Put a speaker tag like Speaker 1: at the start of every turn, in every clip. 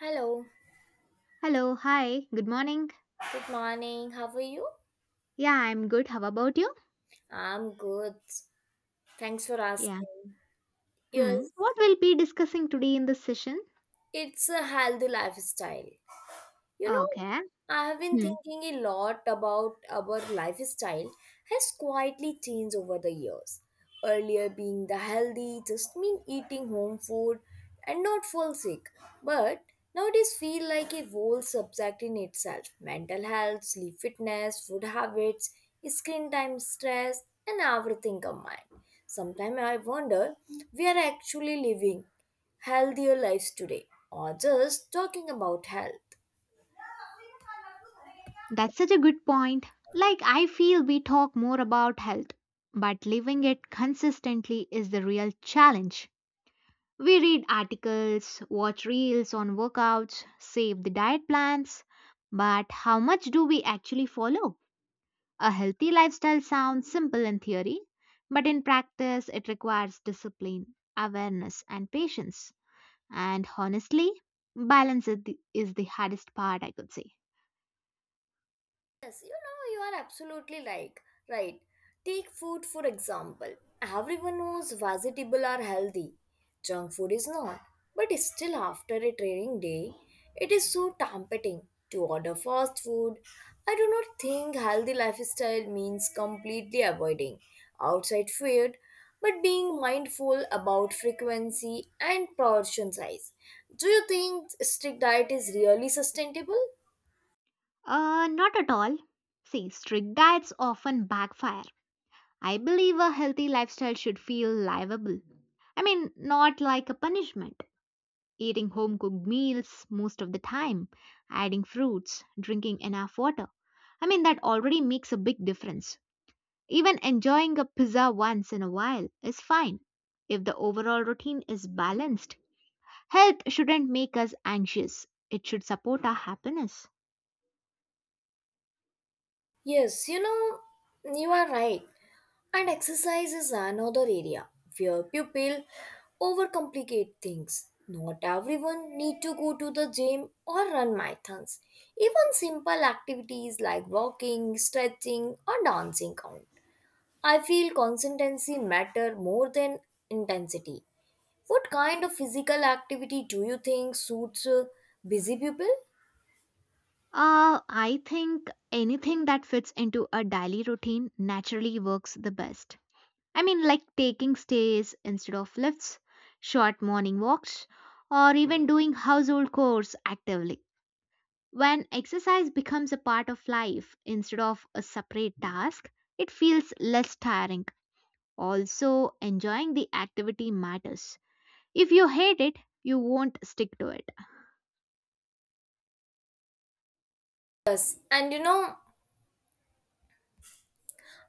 Speaker 1: Hello,
Speaker 2: Hello, hi, good morning.
Speaker 1: good morning. How are you?
Speaker 2: Yeah, I'm good. How about you?
Speaker 1: I'm good. Thanks for
Speaker 2: Yeah.
Speaker 1: asking. Yes,
Speaker 2: Hmm. What we'll be discussing today in this session?
Speaker 1: it's a healthy lifestyle. You know,
Speaker 2: Okay.
Speaker 1: I have been
Speaker 2: Hmm.
Speaker 1: thinking a lot about our lifestyle has quietly changed over the years. Earlier, being the healthy just mean eating home food and not fall sick, but nowadays feel like a whole subject in itself. Mental health, sleep fitness, food habits, screen time stress, and everything combined. Sometimes I wonder we are actually living healthier lives today or just talking about health.
Speaker 2: That's such a good point. Like, I feel we talk more about health, but living it consistently is the real challenge. We read articles, watch reels on workouts, save the diet plans, but how much do we actually follow? A healthy lifestyle sounds simple in theory, but in practice, it requires discipline, awareness, and patience. And honestly, balance is the hardest part, I could say.
Speaker 1: Yes, you know, you are absolutely like right. Take food for example. Everyone knows vegetables are healthy. Junk food is not. But still after a training day, it is so tempting to order fast food. I do not think healthy lifestyle means completely avoiding outside food, but being mindful about frequency and portion size. Do you think strict diet is really sustainable?
Speaker 2: Not at all. See, strict diets often backfire. I believe a healthy lifestyle should feel livable. I mean, not like a punishment. Eating home cooked meals most of the time, adding fruits, drinking enough water. I mean, that already makes a big difference. Even enjoying a pizza once in a while is fine if the overall routine is balanced. Health shouldn't make us anxious, it should support our happiness.
Speaker 1: Yes, you know, you are right. And exercise is another area where people overcomplicate things. Not everyone need to go to the gym or run marathons. Even simple activities like walking, stretching or dancing count. I feel consistency matter more than intensity. What kind of physical activity do you think suits busy people?
Speaker 2: I think anything that fits into a daily routine naturally works the best. I mean, like taking stays instead of lifts, short morning walks, or even doing household chores actively. When exercise becomes a part of life instead of a separate task, it feels less tiring. Also, enjoying the activity matters. If you hate it, you won't stick to it.
Speaker 1: Yes, and you know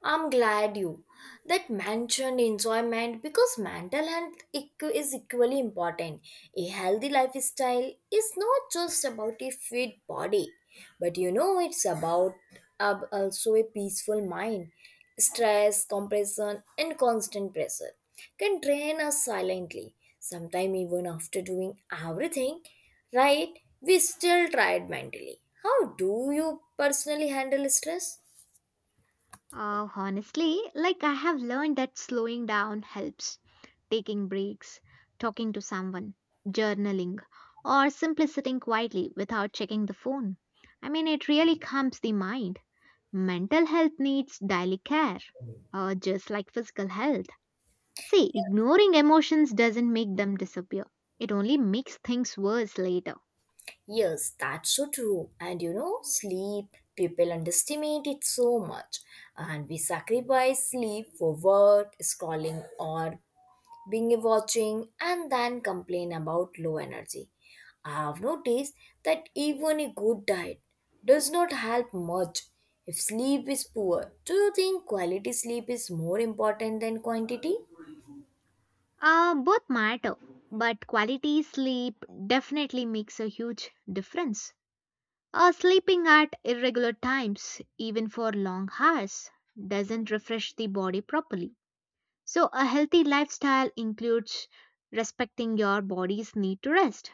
Speaker 1: I'm glad you that mentioned enjoyment because mental health is equally important. A healthy lifestyle is not just about a fit body, but you know it's about also a peaceful mind. Stress, compression, and constant pressure can drain us silently. Sometimes even after doing everything right, we still tired mentally. How do you personally handle stress?
Speaker 2: Honestly, like I have learned that slowing down helps, taking breaks, talking to someone, journaling, or simply sitting quietly without checking the phone. I mean, it really calms the mind. Mental health needs daily care, just like physical health. See, ignoring emotions doesn't make them disappear, it only makes things worse later.
Speaker 1: Yes, that's so true. And you know, sleep, people underestimate it so much. And we sacrifice sleep for work, scrolling, or being watching, and then complain about low energy. I've noticed that even a good diet does not help much if sleep is poor. Do you think quality sleep is more important than quantity?
Speaker 2: Both matter, but quality sleep definitely makes a huge difference. Sleeping at irregular times, even for long hours, doesn't refresh the body properly. So, a healthy lifestyle includes respecting your body's need to rest.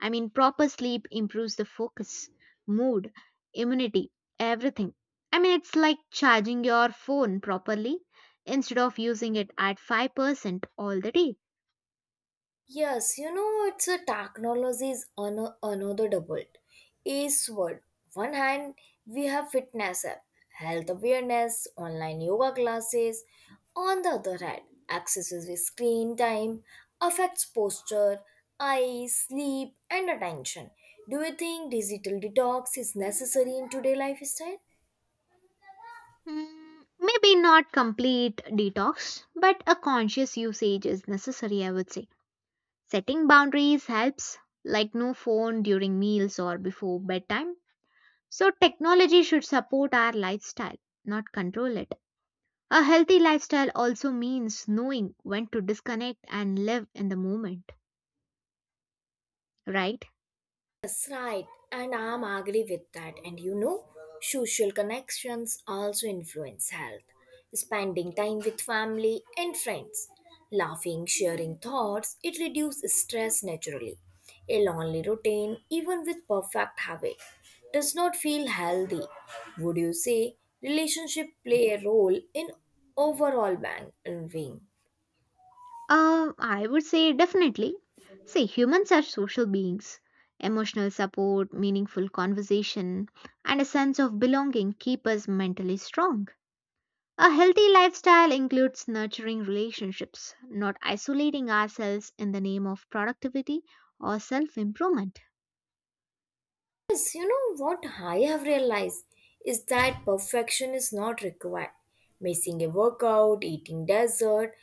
Speaker 2: I mean, proper sleep improves the focus, mood, immunity, everything. I mean, it's like charging your phone properly instead of using it at 5% all the day.
Speaker 1: Yes, you know, it's a technology is another double ace word. One hand, we have fitness app, health awareness, online yoga classes. On the other hand, excessive screen time affects posture, eyes, sleep, and attention. Do you think digital detox is necessary in today's lifestyle?
Speaker 2: Maybe not complete detox, but a conscious usage is necessary, I would say. Setting boundaries helps, like no phone during meals or before bedtime. So, technology should support our lifestyle, not control it. A healthy lifestyle also means knowing when to disconnect and live in the moment, right?
Speaker 1: Yes, right, and I'm agree with that. And you know, social connections also influence health. Spending time with family and friends, laughing, sharing thoughts, it reduces stress naturally. A lonely routine, even with perfect habit, does not feel healthy. Would you say relationship play a role in overall well-being?
Speaker 2: I would say definitely. See, humans are social beings. Emotional support, meaningful conversation, and a sense of belonging keep us mentally strong. A healthy lifestyle includes nurturing relationships, not isolating ourselves in the name of productivity or self improvement.
Speaker 1: Yes, you know what I have realized is that perfection is not required. Missing a workout, eating dessert,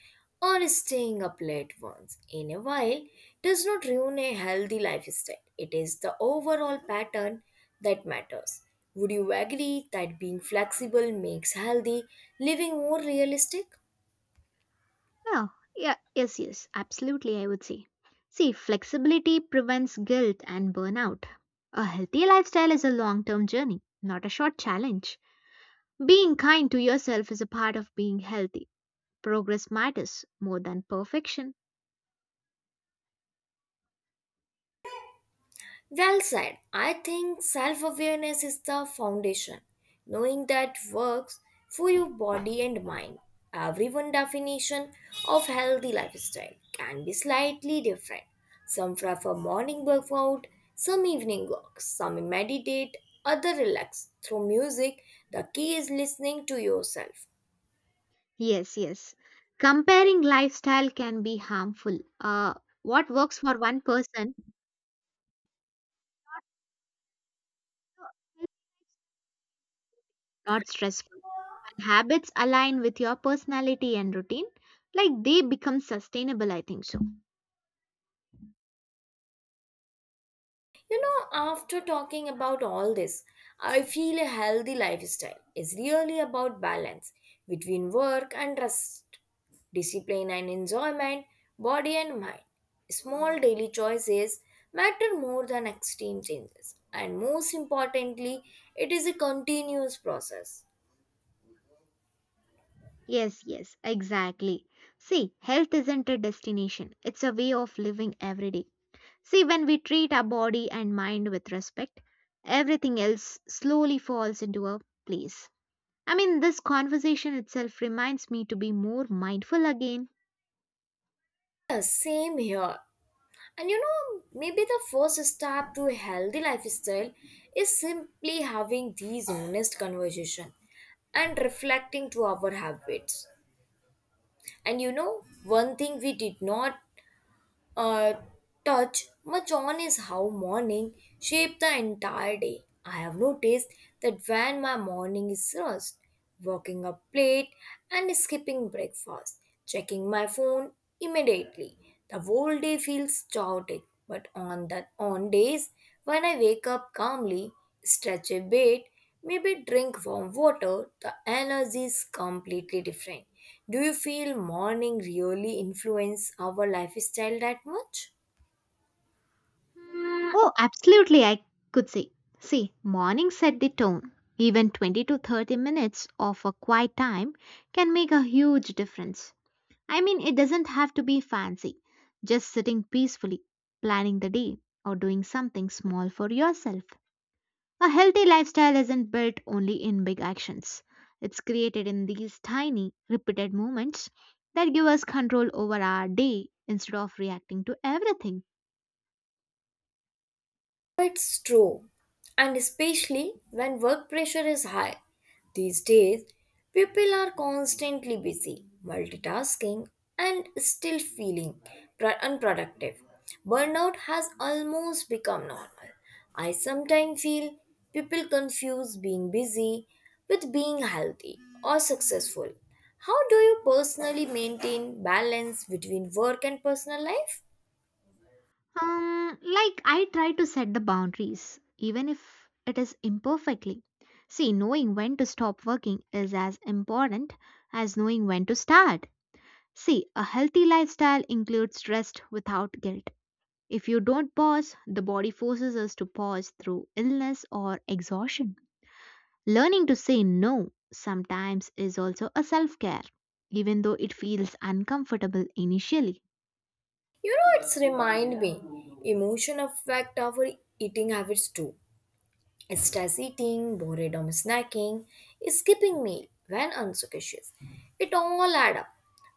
Speaker 1: or staying up late once in a while does not ruin a healthy lifestyle. It is the overall pattern that matters. Would you agree that being flexible makes healthy living more realistic?
Speaker 2: Yeah, yeah, yes, yes, absolutely, I would say. See, flexibility prevents guilt and burnout. A healthy lifestyle is a long term journey, not a short challenge. Being kind to yourself is a part of being healthy. Progress matters more than perfection.
Speaker 1: Well said. I think self awareness is the foundation. Knowing that works for your body and mind. Everyone definition of healthy lifestyle can be slightly different. Some prefer morning workout, some evening walks, some meditate, other relax through music. The key is listening to yourself.
Speaker 2: Yes, yes. Comparing lifestyle can be harmful. What works for one person not stressful. When habits align with your personality and routine, like they become sustainable, I think so.
Speaker 1: You know, after talking about all this, I feel a healthy lifestyle is really about balance between work and rest, discipline and enjoyment, body and mind. Small daily choices matter more than extreme changes, and most importantly, it is a continuous process.
Speaker 2: Yes, yes, exactly. See, health isn't a destination, it's a way of living every day. See, when we treat our body and mind with respect, everything else slowly falls into a place. I mean, this conversation itself reminds me to be more mindful again.
Speaker 1: The same here. And you know, maybe the first step to a healthy lifestyle is simply having these honest conversation and reflecting to our habits. And you know, one thing we did not uh, touch much on is how morning shape the entire day. I have noticed that when my morning is rushed, walking up late and skipping breakfast, checking my phone immediately, the whole day feels chaotic. But on days when I wake up calmly, stretch a bit, maybe drink warm water, the energy is completely different. Do you feel morning really influence our lifestyle that much?
Speaker 2: Oh, absolutely, I could say. See, morning set the tone. Even 20 to 30 minutes of a quiet time can make a huge difference. I mean, it doesn't have to be fancy, just sitting peacefully, planning the day, or doing something small for yourself. A healthy lifestyle isn't built only in big actions. It's created in these tiny, repeated moments that give us control over our day instead of reacting to everything.
Speaker 1: It's true, and especially when work pressure is high. These days, people are constantly busy, multitasking, and still feeling unproductive. Burnout has almost become normal. I sometimes feel people confuse being busy with being healthy or successful. How do you personally maintain balance between work and personal life?
Speaker 2: Like I try to set the boundaries, even if it is imperfectly. See, knowing when to stop working is as important as knowing when to start. See, a healthy lifestyle includes rest without guilt. If you don't pause, the body forces us to pause through illness or exhaustion. Learning to say no sometimes is also a self care, even though it feels uncomfortable initially.
Speaker 1: You know, it's remind me, emotion affect our eating habits too. Stress eating, boredom snacking, skipping meal when unsuspicious. It all add up.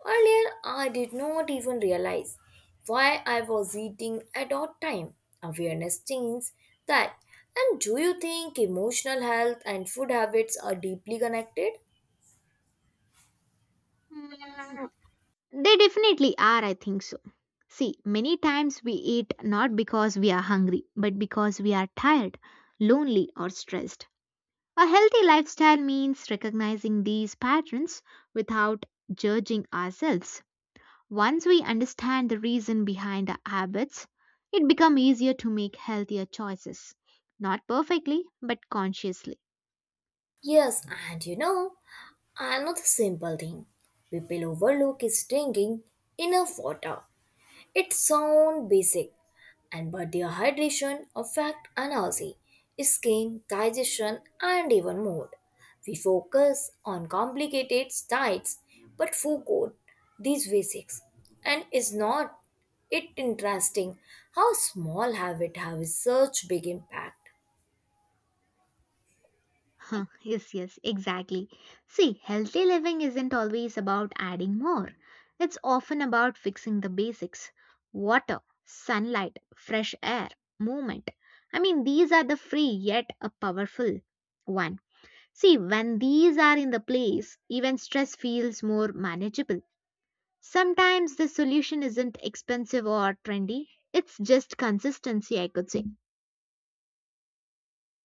Speaker 1: Earlier, I did not even realize why I was eating at odd time. Awareness changes that. And do you think emotional health and food habits are deeply connected?
Speaker 2: Hmm, They definitely are, I think so. See, many times we eat not because we are hungry, but because we are tired, lonely, or stressed. A healthy lifestyle means recognizing these patterns without judging ourselves. Once we understand the reason behind our habits, it becomes easier to make healthier choices. Not perfectly, but consciously.
Speaker 1: Yes, and you know, another simple thing people overlook is drinking enough water. It sounds basic, and but dehydration hydration affect energy, skin, digestion, and even mood. We focus on complicated diets, but forget these basics. And is not it interesting how small habit have such big impact?
Speaker 2: Huh, yes, yes, exactly. See, healthy living isn't always about adding more. It's often about fixing the basics. Water, sunlight, fresh air, movement. I mean, these are the free yet a powerful one. See, when these are in the place, even stress feels more manageable. Sometimes the solution isn't expensive or trendy, it's just consistency, I could say.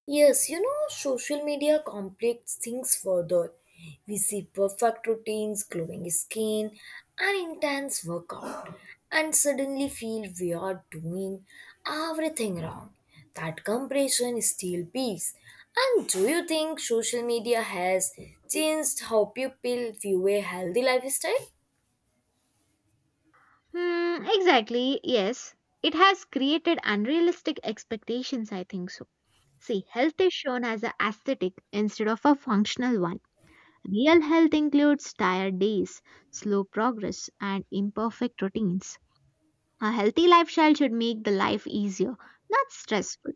Speaker 1: Yes, you know, social media complicates things further. We see perfect routines, glowing skin, and intense workout, and suddenly feel we are doing everything wrong. That comparison still peace. And do you think social media has changed how people view a healthy lifestyle?
Speaker 2: Hmm, exactly, yes. It has created unrealistic expectations, I think so. See, health is shown as an aesthetic instead of a functional one. Real health includes tired days, slow progress, and imperfect routines. A healthy lifestyle should make the life easier, not stressful.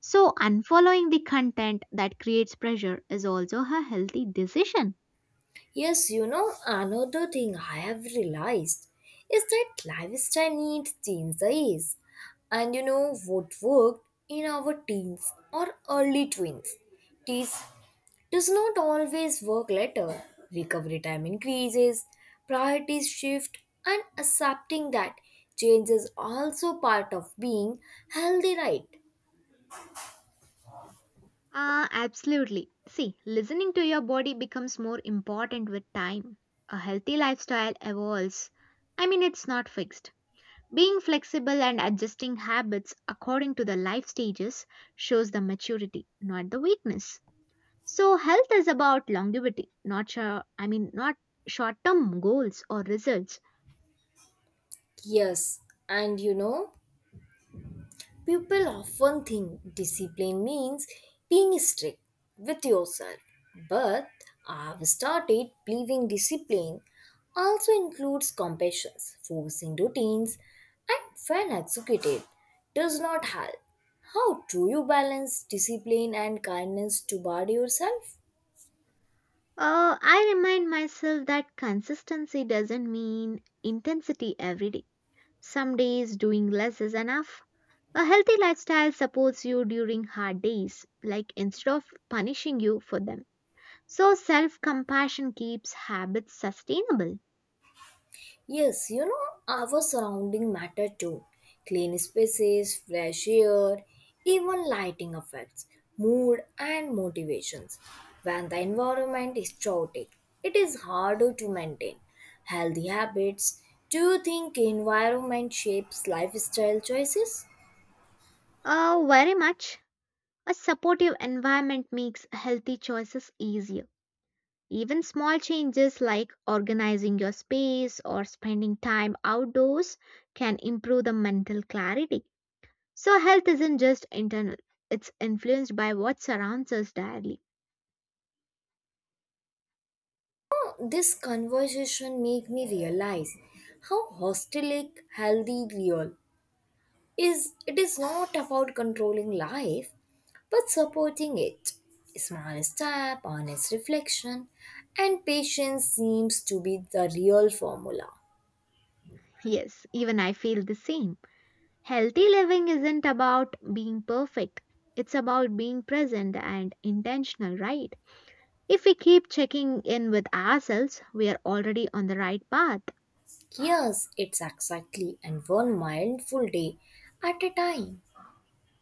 Speaker 2: So, unfollowing the content that creates pressure is also a healthy decision.
Speaker 1: Yes, you know, another thing I have realized is that lifestyle needs change the age. And you know what worked in our teens or early twins. Teens does not always work later. Recovery time increases, priorities shift, and accepting that change is also part of being healthy, right?
Speaker 2: Ah, absolutely. See, listening to your body becomes more important with time. A healthy lifestyle evolves. I mean, it's not fixed. Being flexible and adjusting habits according to the life stages shows the maturity, not the weakness. So, health is about longevity, not sure, I mean, not short-term goals or results.
Speaker 1: Yes, and you know, people often think discipline means being strict with yourself, but I've started believing discipline also includes compassion, forcing routines, and when executed, does not help. How do you balance discipline and kindness toward yourself?
Speaker 2: I remind myself that consistency doesn't mean intensity every day. Some days doing less is enough. A healthy lifestyle supports you during hard days, like instead of punishing you for them. So, self compassion keeps habits sustainable.
Speaker 1: Yes, you know, our surrounding matter too. Clean spaces, fresh air, even lighting affects mood and motivations. When the environment is chaotic, it is harder to maintain healthy habits. Do you think environment shapes lifestyle choices?
Speaker 2: Oh, very much. A supportive environment makes healthy choices easier. Even small changes like organizing your space or spending time outdoors can improve the mental clarity. So, health isn't just internal, it's influenced by what surrounds us daily.
Speaker 1: This conversation made me realize how hostilic healthy real is it is not about controlling life but supporting it, small step honest reflection and patience seems to be the real formula.
Speaker 2: Yes, even I feel the same. Healthy living isn't about being perfect. It's about being present and intentional, right? If we keep checking in with ourselves, we are already on the right path.
Speaker 1: Yes, it's exactly, and one mindful day at a time.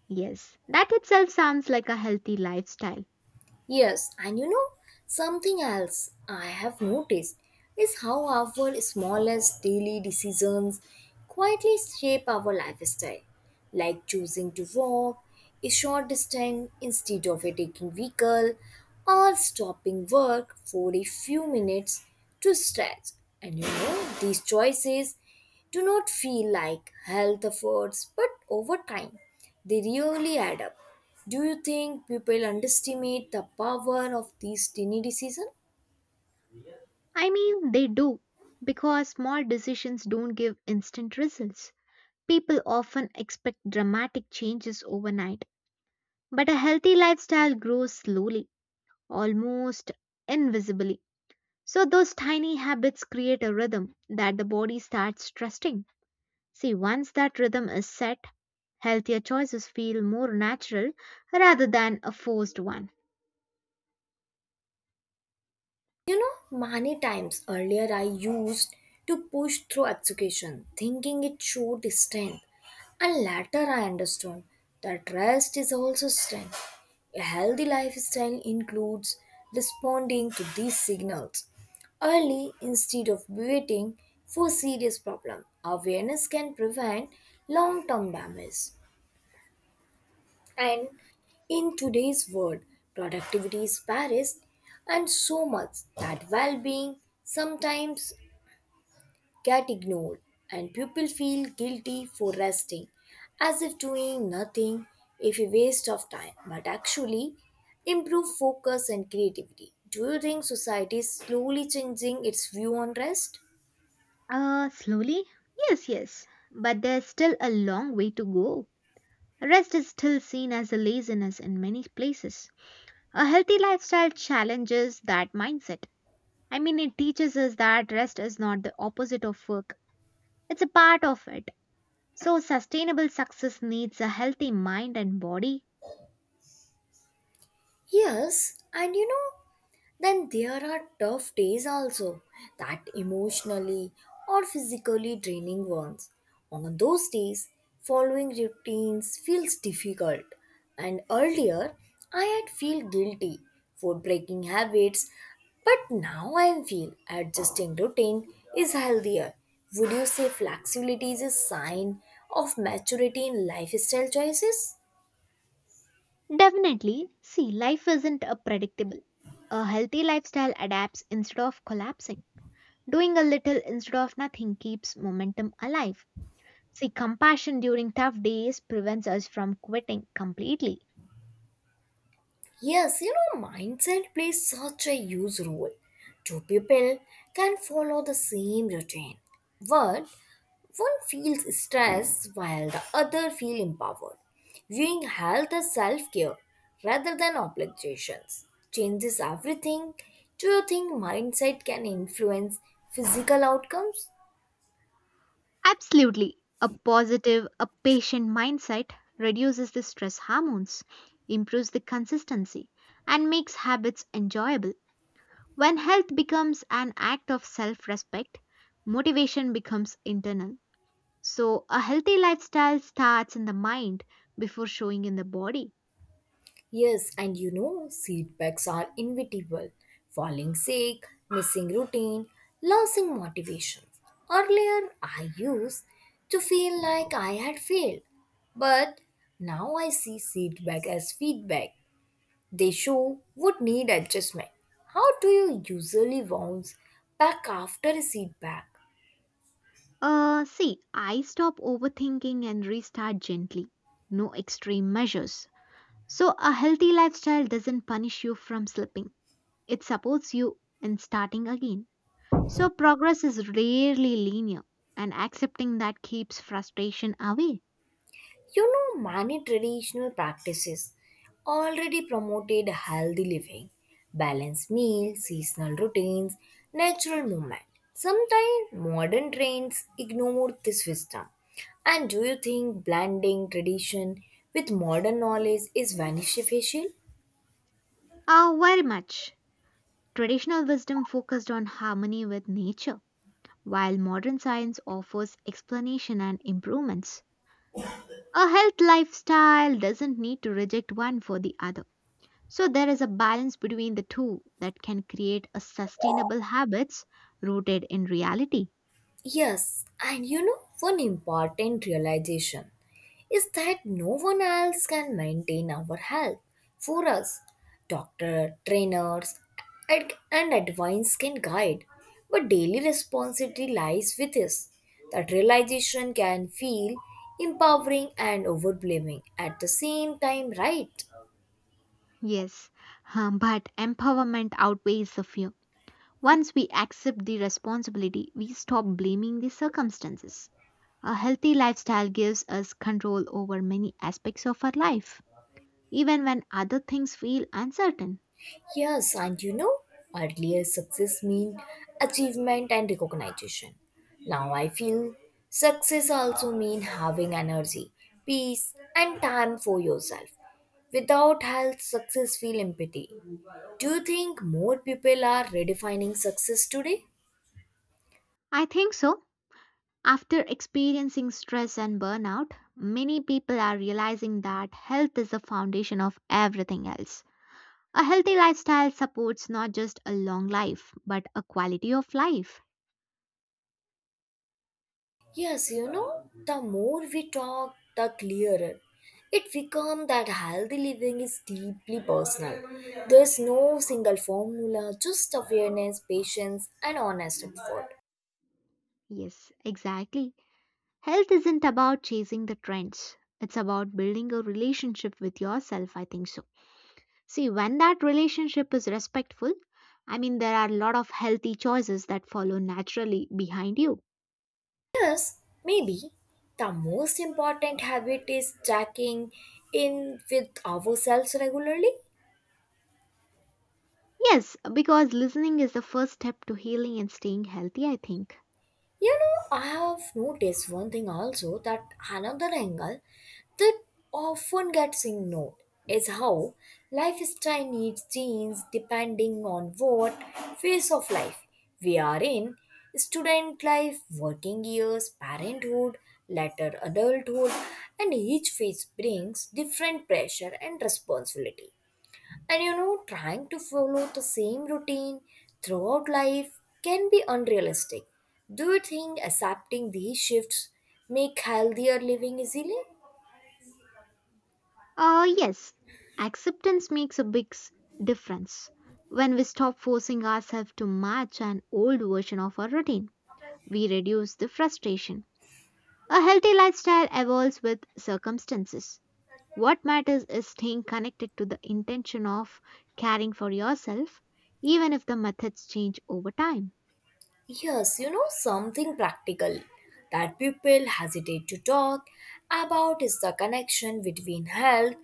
Speaker 2: Yes, that itself sounds like a healthy lifestyle.
Speaker 1: Yes, and you know, something else I have noticed is how our smallest daily decisions quietly shape our lifestyle, like choosing to walk a short distance instead of a taking vehicle, or stopping work for a few minutes to stretch. And you know, these choices do not feel like health efforts, but over time, they really add up. Do you think people underestimate the power of these tiny decisions?
Speaker 2: I mean, they do, because small decisions don't give instant results. People often expect dramatic changes overnight, but a healthy lifestyle grows slowly, almost invisibly. So, those tiny habits create a rhythm that the body starts trusting. See, once that rhythm is set, healthier choices feel more natural rather than a forced one.
Speaker 1: You know, many times earlier I used to push through education, thinking it showed strength. And later I understood that rest is also strength. A healthy lifestyle includes responding to these signals early instead of waiting for serious problem. Awareness can prevent long-term damage. And in today's world, productivity is Paris, and so much that well being sometimes get ignored, and people feel guilty for resting, as if doing nothing is a waste of time, but actually improve focus and creativity. Do you think society is slowly changing its view on rest?
Speaker 2: Slowly? Yes, yes. But there's still a long way to go. Rest is still seen as a laziness in many places. A healthy lifestyle challenges that mindset. I mean, it teaches us that rest is not the opposite of work, it's a part of it. So, sustainable success needs a healthy mind and body.
Speaker 1: Yes, and you know, then there are tough days also that emotionally or physically draining ones, on those days following routines feels difficult, and earlier I had feel guilty for breaking habits, but now I feel adjusting routine is healthier. Would you say flexibility is a sign of maturity in lifestyle choices?
Speaker 2: Definitely, see, life isn't a predictable. A healthy lifestyle adapts instead of collapsing. Doing a little instead of nothing keeps momentum alive. See, compassion during tough days prevents us from quitting completely.
Speaker 1: Yes, you know, mindset plays such a huge role. Two people can follow the same routine, but one feels stressed while the other feels empowered. Viewing health as self care rather than obligations changes everything. Do you think mindset can influence physical outcomes?
Speaker 2: Absolutely. A patient mindset reduces the stress hormones, improves the consistency, and makes habits enjoyable. When health becomes an act of self respect, motivation becomes internal. So, a healthy lifestyle starts in the mind before showing in the body.
Speaker 1: Yes, and you know, setbacks are inevitable. Falling sick, missing routine, losing motivation. Earlier, I used to feel like I had failed, but now I see setback as feedback. They show what need adjustment. How do you usually bounce back after a setback?
Speaker 2: See, I stop overthinking and restart gently. No extreme measures. So, a healthy lifestyle doesn't punish you from slipping. It supports you in starting again. So progress is rarely linear, and accepting that keeps frustration away.
Speaker 1: You know, many traditional practices already promoted healthy living, balanced meals, seasonal routines, natural movement. Sometimes modern trends ignore this wisdom. And do you think blending tradition with modern knowledge is beneficial?
Speaker 2: Oh, very much. Traditional wisdom focused on harmony with nature, while modern science offers explanation and improvements. A health lifestyle doesn't need to reject one for the other. So there is a balance between the two that can create a sustainable habits rooted in reality.
Speaker 1: Yes, and you know, one important realization is that no one else can maintain our health for us. Doctor, trainers, and advice can guide, but daily responsibility lies with us. That realization can feel empowering and overwhelming at the same time, right?
Speaker 2: Yes, but empowerment outweighs the fear. Once we accept the responsibility, we stop blaming the circumstances. A healthy lifestyle gives us control over many aspects of our life, even when other things feel uncertain.
Speaker 1: Yes, and you know, earlier success mean achievement and recognition. Now I feel success also mean having energy, peace, and time for yourself. Without health, success feel empty. Do you think more people are redefining success today?
Speaker 2: I think so. After experiencing stress and burnout, many people are realizing that health is the foundation of everything else. A healthy lifestyle supports not just a long life, but a quality of life.
Speaker 1: Yes, you know, the more we talk, the clearer it becomes that healthy living is deeply personal. There's no single formula, just awareness, patience, and honest effort.
Speaker 2: Yes, exactly. Health isn't about chasing the trends. It's about building a relationship with yourself, I think so. See, when that relationship is respectful, I mean, there are a lot of healthy choices that follow naturally behind you.
Speaker 1: Yes, maybe the most important habit is checking in with ourselves regularly.
Speaker 2: Yes, because listening is the first step to healing and staying healthy, I think.
Speaker 1: You know, I have noticed one thing also that another angle that often gets ignored is how lifestyle needs change depending on what phase of life we are in, student life, working years, parenthood, later adulthood, and each phase brings different pressure and responsibility. And you know, trying to follow the same routine throughout life can be unrealistic. Do you think accepting these shifts make healthier living easily?
Speaker 2: Yes, acceptance makes a big difference. When we stop forcing ourselves to match an old version of our routine, we reduce the frustration. A healthy lifestyle evolves with circumstances. What matters is staying connected to the intention of caring for yourself, even if the methods change over time.
Speaker 1: Yes, you know something practical that people hesitate to talk about is the connection between health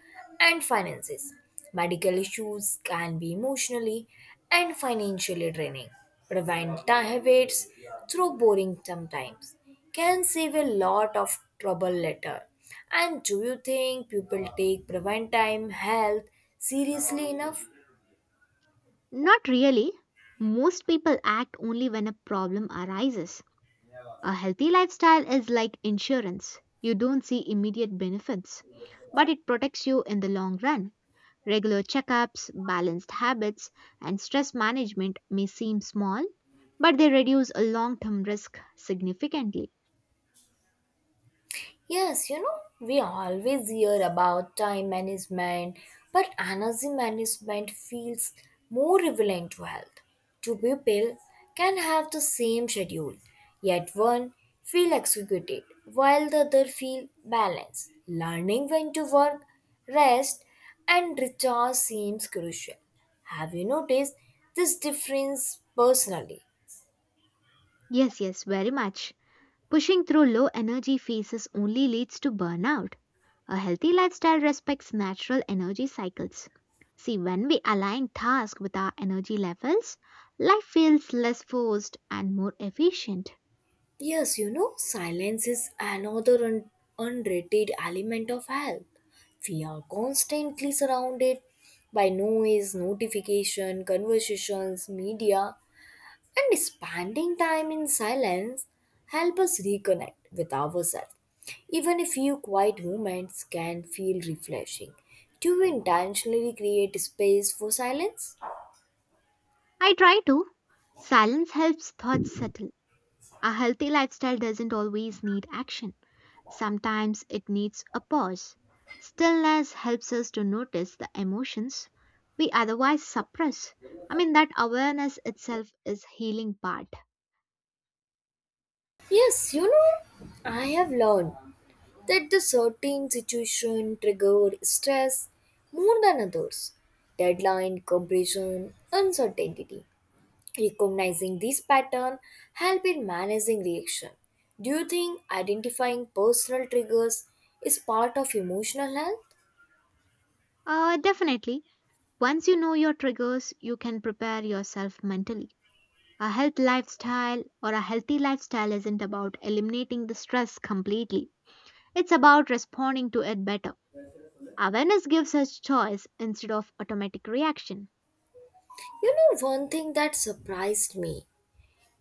Speaker 1: and finances. Medical issues can be emotionally and financially draining. Prevent habits through boring sometimes can save a lot of trouble later. And do you think people take prevent time health seriously enough?
Speaker 2: Not really. Most people act only when a problem arises. A healthy lifestyle is like insurance. You don't see immediate benefits, but it protects you in the long run. Regular checkups, balanced habits, and stress management may seem small, but they reduce a long term risk significantly.
Speaker 1: Yes, you know, we always hear about time management, but energy management feels more relevant to health. Two people can have the same schedule, yet one feel executed while the other feel balanced. Learning when to work, rest, and recharge seems crucial. Have you noticed this difference personally?
Speaker 2: Yes, yes, very much. Pushing through low energy phases only leads to burnout. A healthy lifestyle respects natural energy cycles. See, when we align tasks with our energy levels, life feels less forced and more efficient.
Speaker 1: Yes, you know, silence is another underrated element of health. We are constantly surrounded by noise, notification, conversations, media, and spending time in silence help us reconnect with ourselves. Even a few quiet moments can feel refreshing. Do you intentionally create space for silence?
Speaker 2: I try to. Silence helps thoughts settle. A healthy lifestyle doesn't always need action. Sometimes it needs a pause. Stillness helps us to notice the emotions we otherwise suppress. I mean, that awareness itself is healing part.
Speaker 1: Yes, you know, I have learned that the certain situation triggered stress more than others. Deadline, compression, uncertainty. Recognizing this pattern help in managing reaction. Do you think identifying personal triggers is part of emotional health?
Speaker 2: Definitely. Once you know your triggers, you can prepare yourself mentally. A healthy lifestyle isn't about eliminating the stress completely. It's about responding to it better. Awareness gives us choice instead of automatic reaction.
Speaker 1: You know, one thing that surprised me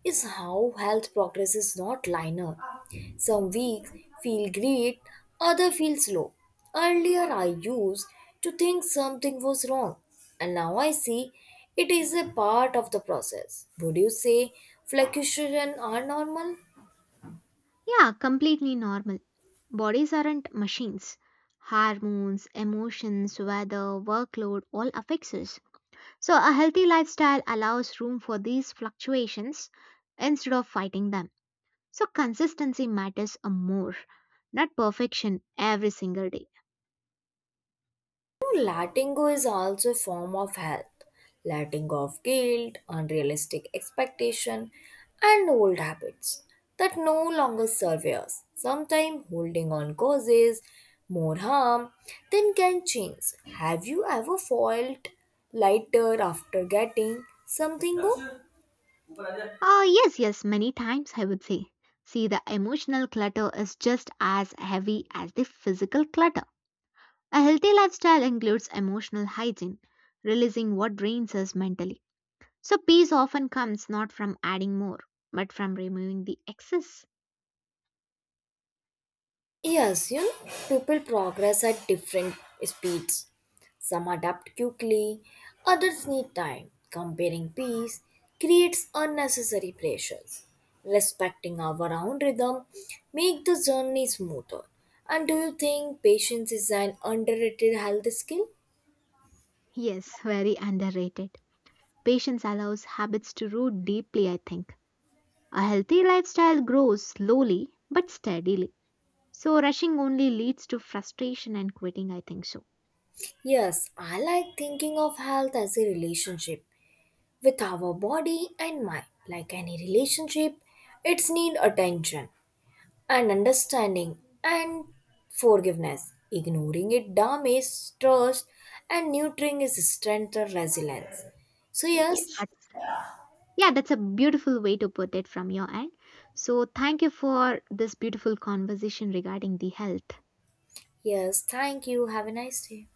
Speaker 1: is how health progress is not linear. Some weeks feel great, other feel slow. Earlier I used to think something was wrong and now I see it is a part of the process. Would you say fluctuations are normal?
Speaker 2: Yeah, completely normal. Bodies aren't machines. Hormones, emotions, weather, workload all affects us. So, a healthy lifestyle allows room for these fluctuations instead of fighting them. So, consistency matters a more, not perfection every single day.
Speaker 1: Letting go is also a form of health. Letting go of guilt, unrealistic expectation, and old habits that no longer serve us. Sometimes holding on causes more harm than can change. Have you ever felt lighter after getting something go?
Speaker 2: Ah, yes, yes, many times I would say. See, the emotional clutter is just as heavy as the physical clutter. A healthy lifestyle includes emotional hygiene, releasing what drains us mentally. So, peace often comes not from adding more, but from removing the excess.
Speaker 1: Yes, you know, people progress at different speeds. Some adapt quickly, others need time. Comparing peace creates unnecessary pressures. Respecting our own rhythm make the journey smoother. And do you think patience is an underrated health skill?
Speaker 2: Yes, very underrated. Patience allows habits to root deeply, I think. A healthy lifestyle grows slowly but steadily. So, rushing only leads to frustration and quitting, I think so.
Speaker 1: Yes, I like thinking of health as a relationship with our body and mind. Like any relationship, it's need attention and understanding and forgiveness. Ignoring it damages trust and nurturing is strength or resilience. So, yes,
Speaker 2: Yes,
Speaker 1: yes.
Speaker 2: that's a beautiful way to put it from your end. So, thank you for this beautiful conversation regarding the health.
Speaker 1: Yes, thank you. Have a nice day.